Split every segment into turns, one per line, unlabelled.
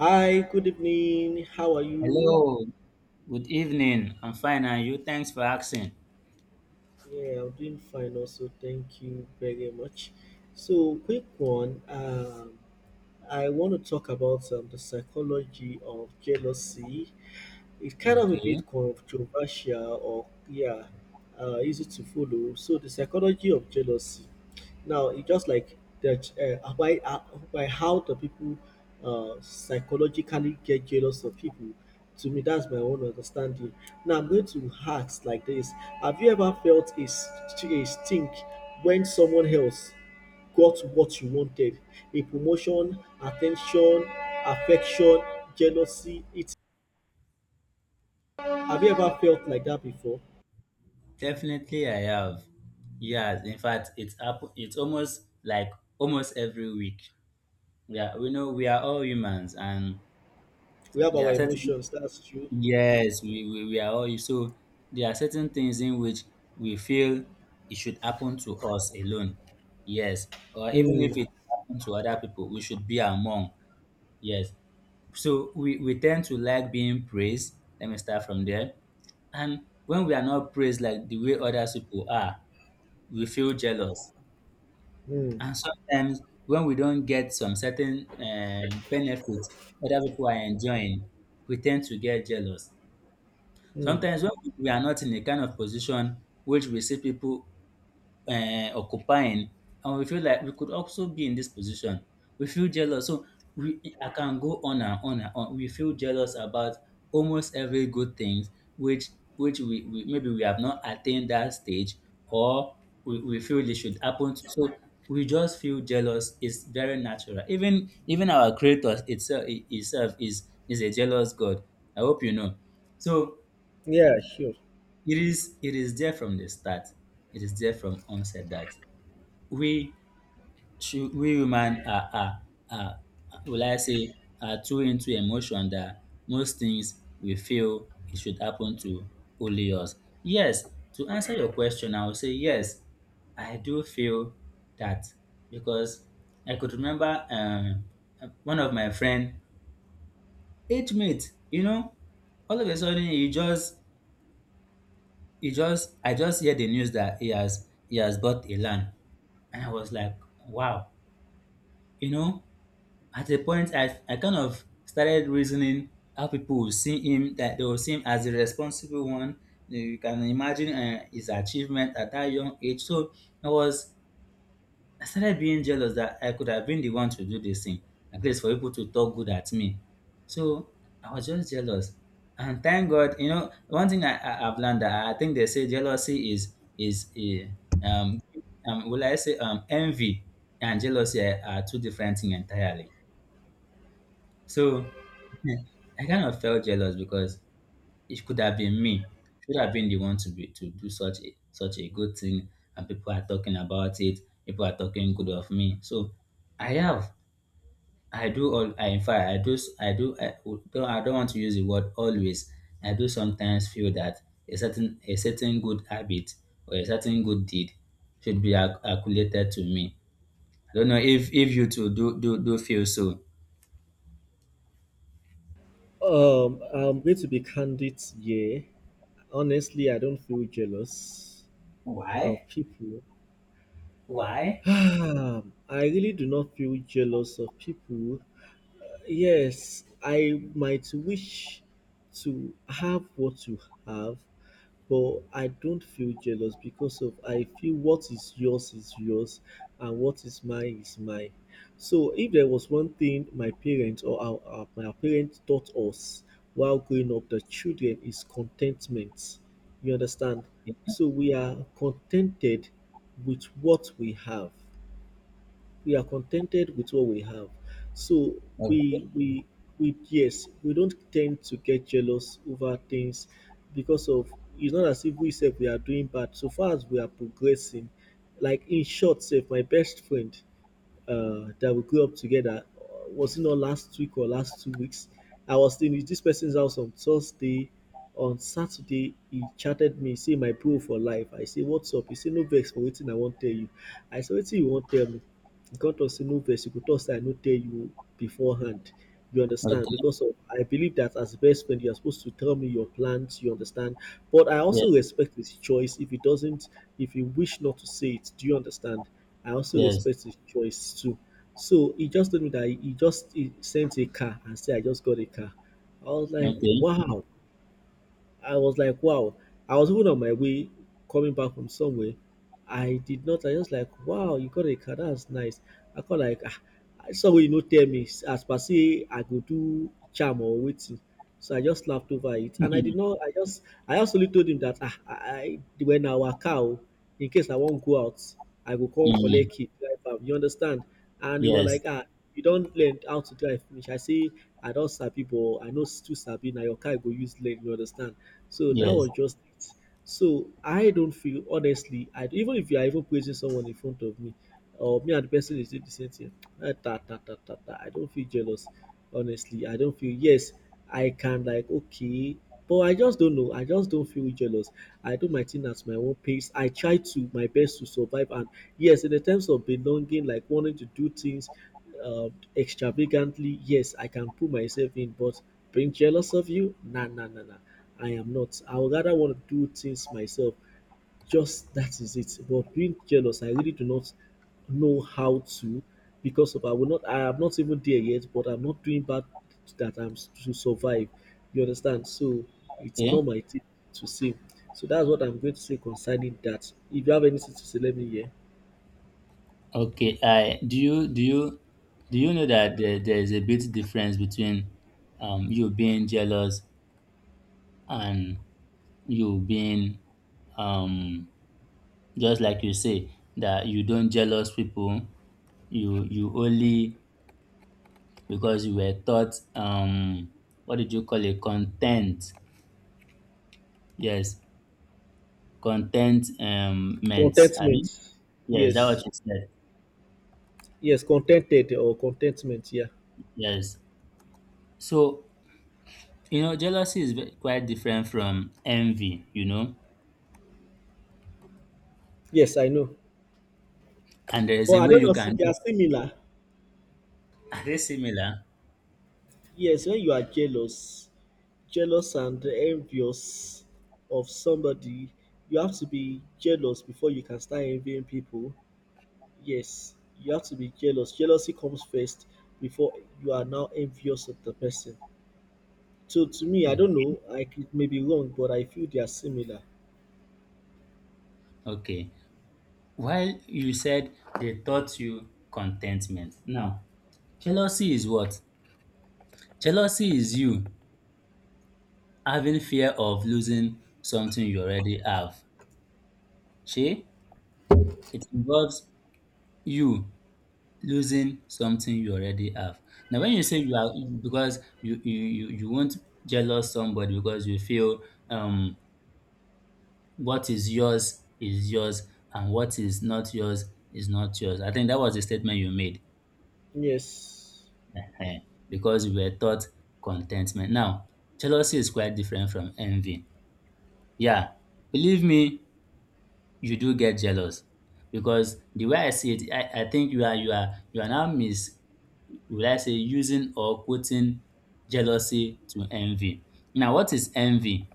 Hi, good evening. How are you?
Hello, good evening. I'm fine, and you? Thanks for asking.
Yeah, I'm doing fine also. Thank you very much. So, quick one. I want to talk about the psychology of jealousy. It's kind of a
Okay,
bit controversial or, yeah, easy to follow. So, the psychology of jealousy. Now it just like that why by how the people psychologically get jealous of people. To me, that's my own understanding. Now I'm going to ask like this: Have you ever felt a, a stink when someone else got what you wanted? A promotion, attention, affection, jealousy. It. Have you ever felt like that before?
definitely I have. Yes, in fact, it's up. It's almost like almost every week. Yeah, we know we are all humans, and
We have
there
our
are certain
emotions. That's true.
yes, we are all so there are certain things in which we feel it should happen to us alone. Yes, or even
Hmm.
if it happens to other people, we should be among. Yes, so we tend to like being praised. Let me start from there. And when we are not praised like the way other people are, we feel jealous.
Hmm.
And sometimes when we don't get some certain benefits other people are enjoying, we tend to get jealous.
Hmm.
Sometimes when we are not in a kind of position which we see people occupying, and we feel like we could also be in this position, we feel jealous. So we I can go on and on and on. We feel jealous about almost every good things which we maybe we have not attained that stage, or we feel it should happen so we just feel jealous. It's very natural. Even our creator itself is a jealous god, I hope you know. So
Yeah. Sure.
it is there from the start. It is there from onset that we should. We human are are, will I say, are too into emotion that most things we feel it should happen to only us. Yes, to answer your question, I will say yes, I do feel that, because I could remember one of my friend, age mate, you know, all of a sudden he just I just hear the news that he has bought a land. And I was like, wow, you know. At a point, I kind of started reasoning how people will see him, that they will see him as the responsible one. You can imagine his achievement at that young age. So I was, I started being jealous that I could have been the one to do this thing, at least for people to talk good at me. So I was just jealous. And thank God, you know, one thing I've learned that I think they say jealousy is, a um, envy and jealousy are two different things entirely. So I kind of felt jealous because it could have been me. Should have been the one to be to do such a such a good thing, and people are talking about it. People are talking good of me. So I have, I do all. I, in fact, I do. I don't want to use the word always. I do sometimes feel that a certain good habit or a certain good deed should be accumulated to me. I don't know if you two do feel so.
I'm going to be candid here. Honestly, I don't feel jealous of
Why?
people.
Why?
I really do not feel jealous of people. Yes, I might wish to have what you have, but I don't feel jealous because of I feel what is yours and what is mine is mine. So if there was one thing my parents or our my parents taught us while growing up, the children is contentment. You understand? So we are contented with what we have, we are contented with what we have. So we
Okay.
we we, yes, we don't tend to get jealous over things because of it's not as if we said we are doing bad. So far as we are progressing, like in short, say my best friend that we grew up together. Was it not last week or last 2 weeks? I was in this person's house on Thursday. On Saturday, he chatted me, say my bro for life. I say, "What's up?" He say, "No vex for waiting, I won't tell you." I say, "Waiting, you won't tell me." He come talk say no vex, you go talk say I no tell you beforehand. You understand?
Okay.
Because of, I believe that as best friend, you are supposed to tell me your plans, you understand? But I
Yes.
also respect his choice if he doesn't, if he wish not to say it. Do you understand? I also
Yes.
respect his choice too. So he just told me that he sent a car and said, "I just got a car." I was like,
Okay.
wow. I was like, wow. I was even on my way coming back from somewhere. I did not. I just like, wow, you got a car. That's nice. I call like, ah, somebody you no tell me as per say I go do charm or waiting. So I just laughed over it, and I did not. I just only told him that ah, I when our cow in case I won't go out, I go come
Mm,
collect it, drive am. You understand? And he was like,
yes.
ah, you don't learn how to drive finish. I say I don't sabi, but I know too sabi. Now your car go use learn. You understand? So that
Yes.
was just it. So I don't feel honestly, I even if you are even praising someone in front of me, or me and the person is doing the same thing, ah, ta, ta, ta, ta, ta, I don't feel jealous. Honestly, I don't feel, yes, I can like okay, but I just don't know. I just don't feel jealous. I do my thing at my own pace. I try to my best to survive, and yes, in the terms of belonging, like wanting to do things uh, extravagantly, yes, I can put myself in, but being jealous of you, nah, nah, nah, nah. I am not. I would rather want to do things myself. Just that is it. But being jealous, I really do not know how to because of I will not. I am not even there yet, but I'm not doing bad that I'm to survive. You understand? So it's not
Okay.
my thing to say. So that's what I'm going to say concerning that. If you have anything to say, let me hear.
Okay. I do. You do you do you know that there is a bit difference between you being jealous and you being um just like you say that you don't jealous people, you only because you were taught, um, what did you call it? Content, yes, contentment, um, meant,
Contentment.
yes, that
Yes.
what you said.
Yes, contented or contentment. Yeah.
Yes. So, you know, jealousy is quite different from envy, you know,
Yes, I know.
and there is
But
a
I
way
don't
you
know. If
can
They
do.
are similar.
Are they similar?
Yes, when you are jealous, jealous and envious of somebody, you have to be jealous before you can start envying people. Yes, you have to be jealous. Jealousy comes first before you are now envious of the person. So to me, I don't
Okay.
know. It may be wrong, but I feel they are similar.
Okay. While you said they taught you contentment. Now, jealousy is what? Jealousy is you having fear of losing something you already have. See, it involves you losing something you already have. Now, when you say you are, because you won't jealous somebody because you feel, um, what is yours is yours, and what is not yours is not yours. I think that was the statement you made.
Yes.
Ehen. Because we were taught contentment. Now, jealousy is quite different from envy. Yeah, believe me, you do get jealous, because the way I see it, I think you are now mis, would I say, using or quoting jealousy to envy. Now, what is envy?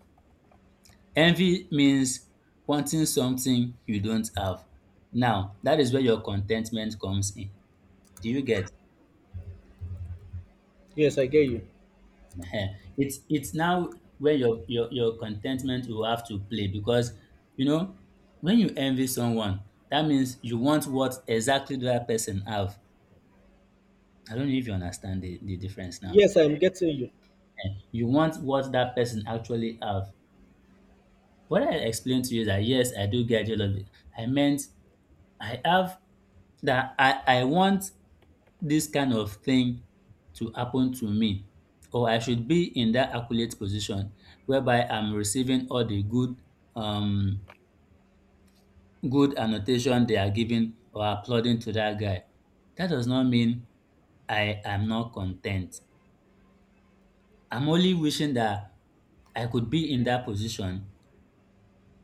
Envy means wanting something you don't have. Now, that is where your contentment comes in. Do you get?
Yes, I get you.
Ehen. It's now where your contentment will have to play, because you know when you envy someone, that means you want what exactly that person have. I don't know if you understand the difference now.
Yes, I'm getting you.
You want what that person actually have. What I explained to you is that yes, I do get jealous. I meant I have that I want this kind of thing to happen to me, or I should be in that accolade position whereby I'm receiving all the good, um, good annotation they are giving or applauding to that guy. That does not mean I am not content. I'm only wishing that I could be in that position.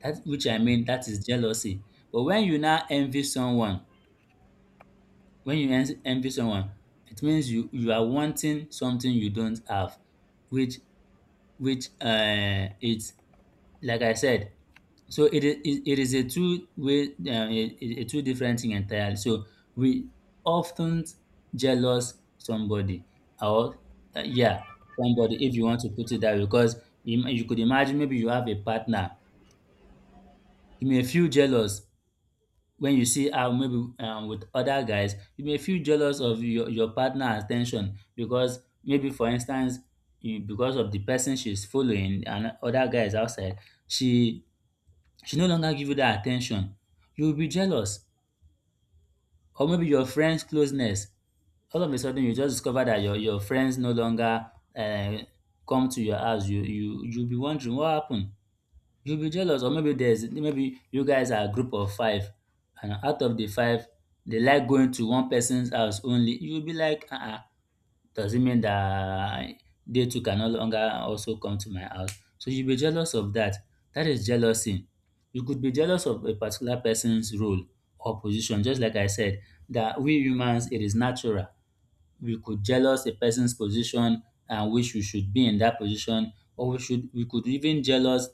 That which I mean that is jealousy. But when you now envy someone, when you envy someone, it means you are wanting something you don't have, which it's like I said. So it is it is a two way a two different thing entirely. So we often jealous somebody or, yeah, somebody, if you want to put it that way, because you could imagine maybe you have a partner, you may feel jealous when you see her maybe with other guys. You may feel jealous of your partner attention, because maybe for instance, you, because of the person she's following and other guys outside, she she no longer give you that attention. You will be jealous. Or maybe your friend's closeness. All of a sudden you just discover that your friends no longer uh, come to your house. You you'll be wondering what happened. You'll be jealous. Or maybe there's maybe you guys are a group of five, and out of the five, they like going to one person's house only. You'll be like, uh-uh, does it mean that they two can no longer also come to my house? So you'll be jealous of that. That is jealousy. You could be jealous of a particular person's role or position, just like I said, that we humans, it is natural. We could jealous a person's position and wish we should be in that position, or we should we could even jealous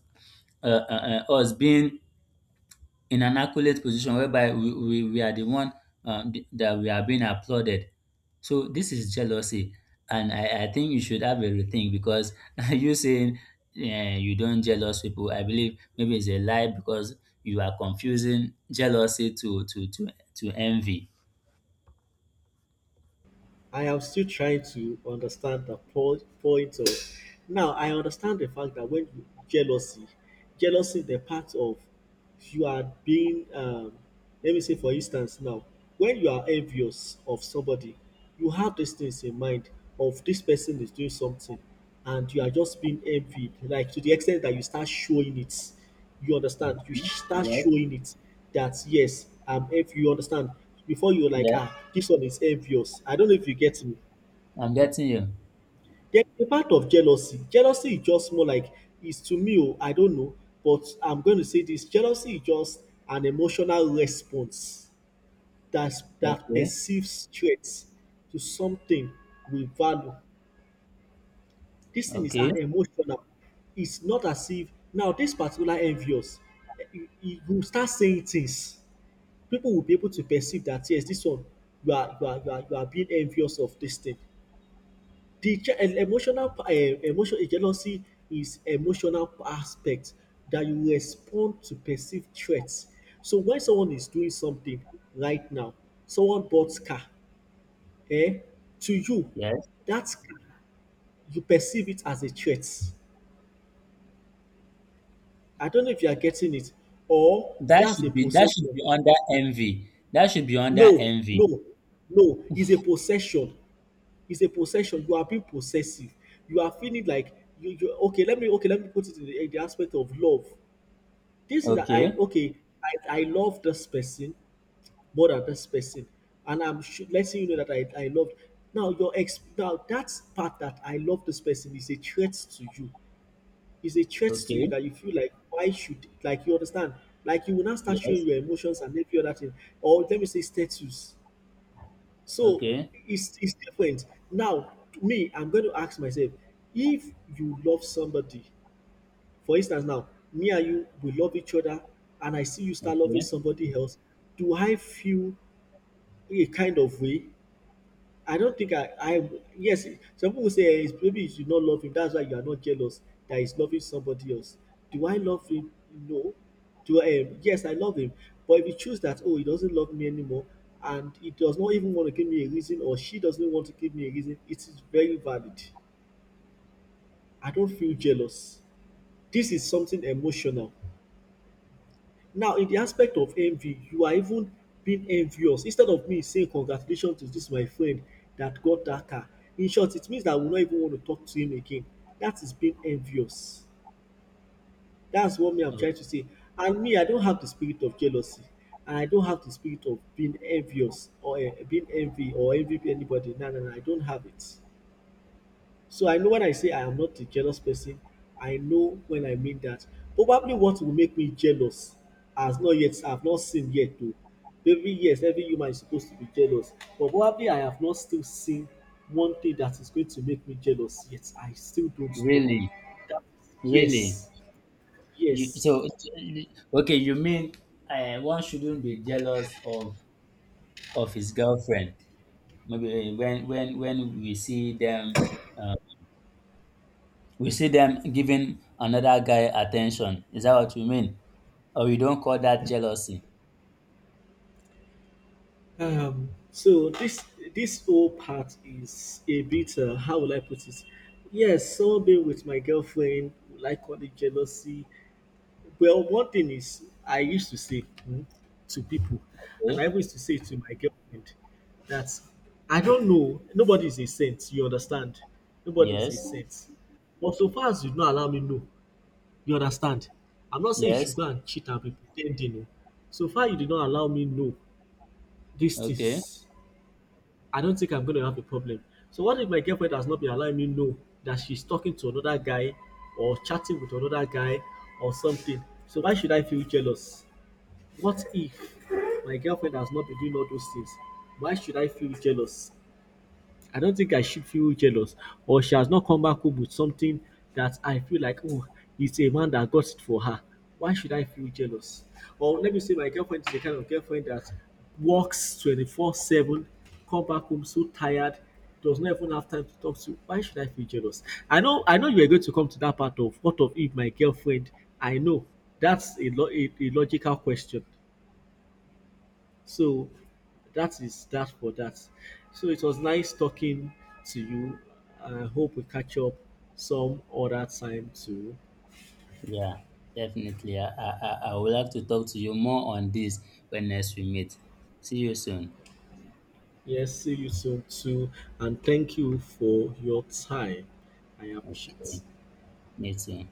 us being in an accolade position whereby we are the one that we are being applauded. So this is jealousy, and I think you should have a rethink because you saying, eh, you don't jealous people. I believe maybe it's a lie because you are confusing jealousy to envy.
I am still trying to understand the point of. Now I understand the fact that when you, jealousy, jealousy the part of you are being. Let me say for instance now, when you are envious of somebody, you have these things in mind of this person is doing something, and you are just being envied, like to the extent that you start showing it. You understand?
Okay.
Start
Yes,
showing it that yes, I'm envious. You understand? Before you're like,
yes,
ah, this one is envious. I don't know if you get me.
I'm getting you.
Then the part of jealousy. Jealousy is just more like it's to me, oh, I don't know, but I'm going to say this. Jealousy is just an emotional response that that
Okay,
perceives threats to something we value. This thing is
okay,
an emotional. It's not as if now this particular envious, you start saying things people will be able to perceive that yes, this one you are being envious of this thing. The je- and emotional emotion jealousy is emotional aspect that you respond to perceived threats. So when someone is doing something right now, someone bought car, eh? To you,
yes.
that car, you perceive it as a threat. I don't know if you are getting it, or that's a
That should
possession.
be under envy. That should be under
No,
envy.
no, no, it's a possession. It's a possession. You are being possessive. You are feeling like you okay, let me put it in the aspect of love. This is that I
Okay.
okay, I love this person more than this person. And I'm sure, letting you know that I love. Now your ex, now that part that I love this person is a threat to you. Is a threat to you
Okay.
that you feel like why should, like you understand? Like you will not start showing
Yes.
your emotions and every other thing. Or let me say status, so
Okay.
it's different. Now, me, I'm going to ask myself, if you love somebody, for instance, now me and you we love each other, and I see you start loving
Okay.
somebody else, do I feel a kind of way? I don't think I yes, some people say eh, it's maybe you should not love him. That's why you are not jealous that he's loving somebody else. Do I love him? No. Do I yes, I love him. But if you choose that, oh, he doesn't love me anymore and he does not even want to give me a reason or she doesn't want to give me a reason, it is very valid. I don't feel jealous. This is something emotional. Now, in the aspect of envy, you are even being envious. Instead of me saying congratulations to this my friend that got that car, in short, it means that I will not even want to talk to him again. That is being envious. That's what me I'm
Oh,
trying to say. And me, I don't have the spirit of jealousy, and I don't have the spirit of being envious or being envy or envy anybody. No, no, no, I don't have it. So I know when I say I am not a jealous person, I know when I mean that. Probably what will make me jealous has not yet I've not seen yet though. Every yes, every human is supposed to be jealous. But probably I have not still seen one thing that is going to make me jealous yet. I still don't know.
really.
That
Really.
yes,
You,
yes.
so so, okay, you mean, one shouldn't be jealous of his girlfriend. Maybe eh, when uh, we see them giving another guy attention. Is that what you mean? Or you don't call that jealousy?
So this this whole part is a bit how will I put it? Yes, someone being with my girlfriend, will I call it jealousy? Well, one thing is, I used to say mm, to people, and
Okay.
I always used to say to my girlfriend, that I don't know, nobody is a saint, you understand? Nobody is a
Yes.
saint. But so far as you don't allow me know, you understand? I'm not saying you should
Yes.
go and cheat and be pretending. Oh. So far you did not allow me know these
Okay.
things, I don't think I'm going to have a problem. So what if my girlfriend has not been allowing me know that she's talking to another guy or chatting with another guy or something? So why should I feel jealous? What if my girlfriend has not been doing all those things? Why should I feel jealous? I don't think I should feel jealous, or she has not come back home with something that I feel like, oh, it's a man that got it for her. Why should I feel jealous? Or let me say, my girlfriend is the kind of girlfriend that works 24/7, come back home so tired, does not even have time to talk to. Why should I feel jealous? I know you are going to come to that part of what of if my girlfriend, I know that's a, a logical question so that is that for that. So it was nice talking to you. I hope we catch up some other time too.
Yeah. Definitely. I would like to talk to you more on this when next we meet. See you soon.
Yes, see you soon too. And thank you for your time. I appreciate
Okay. Me too.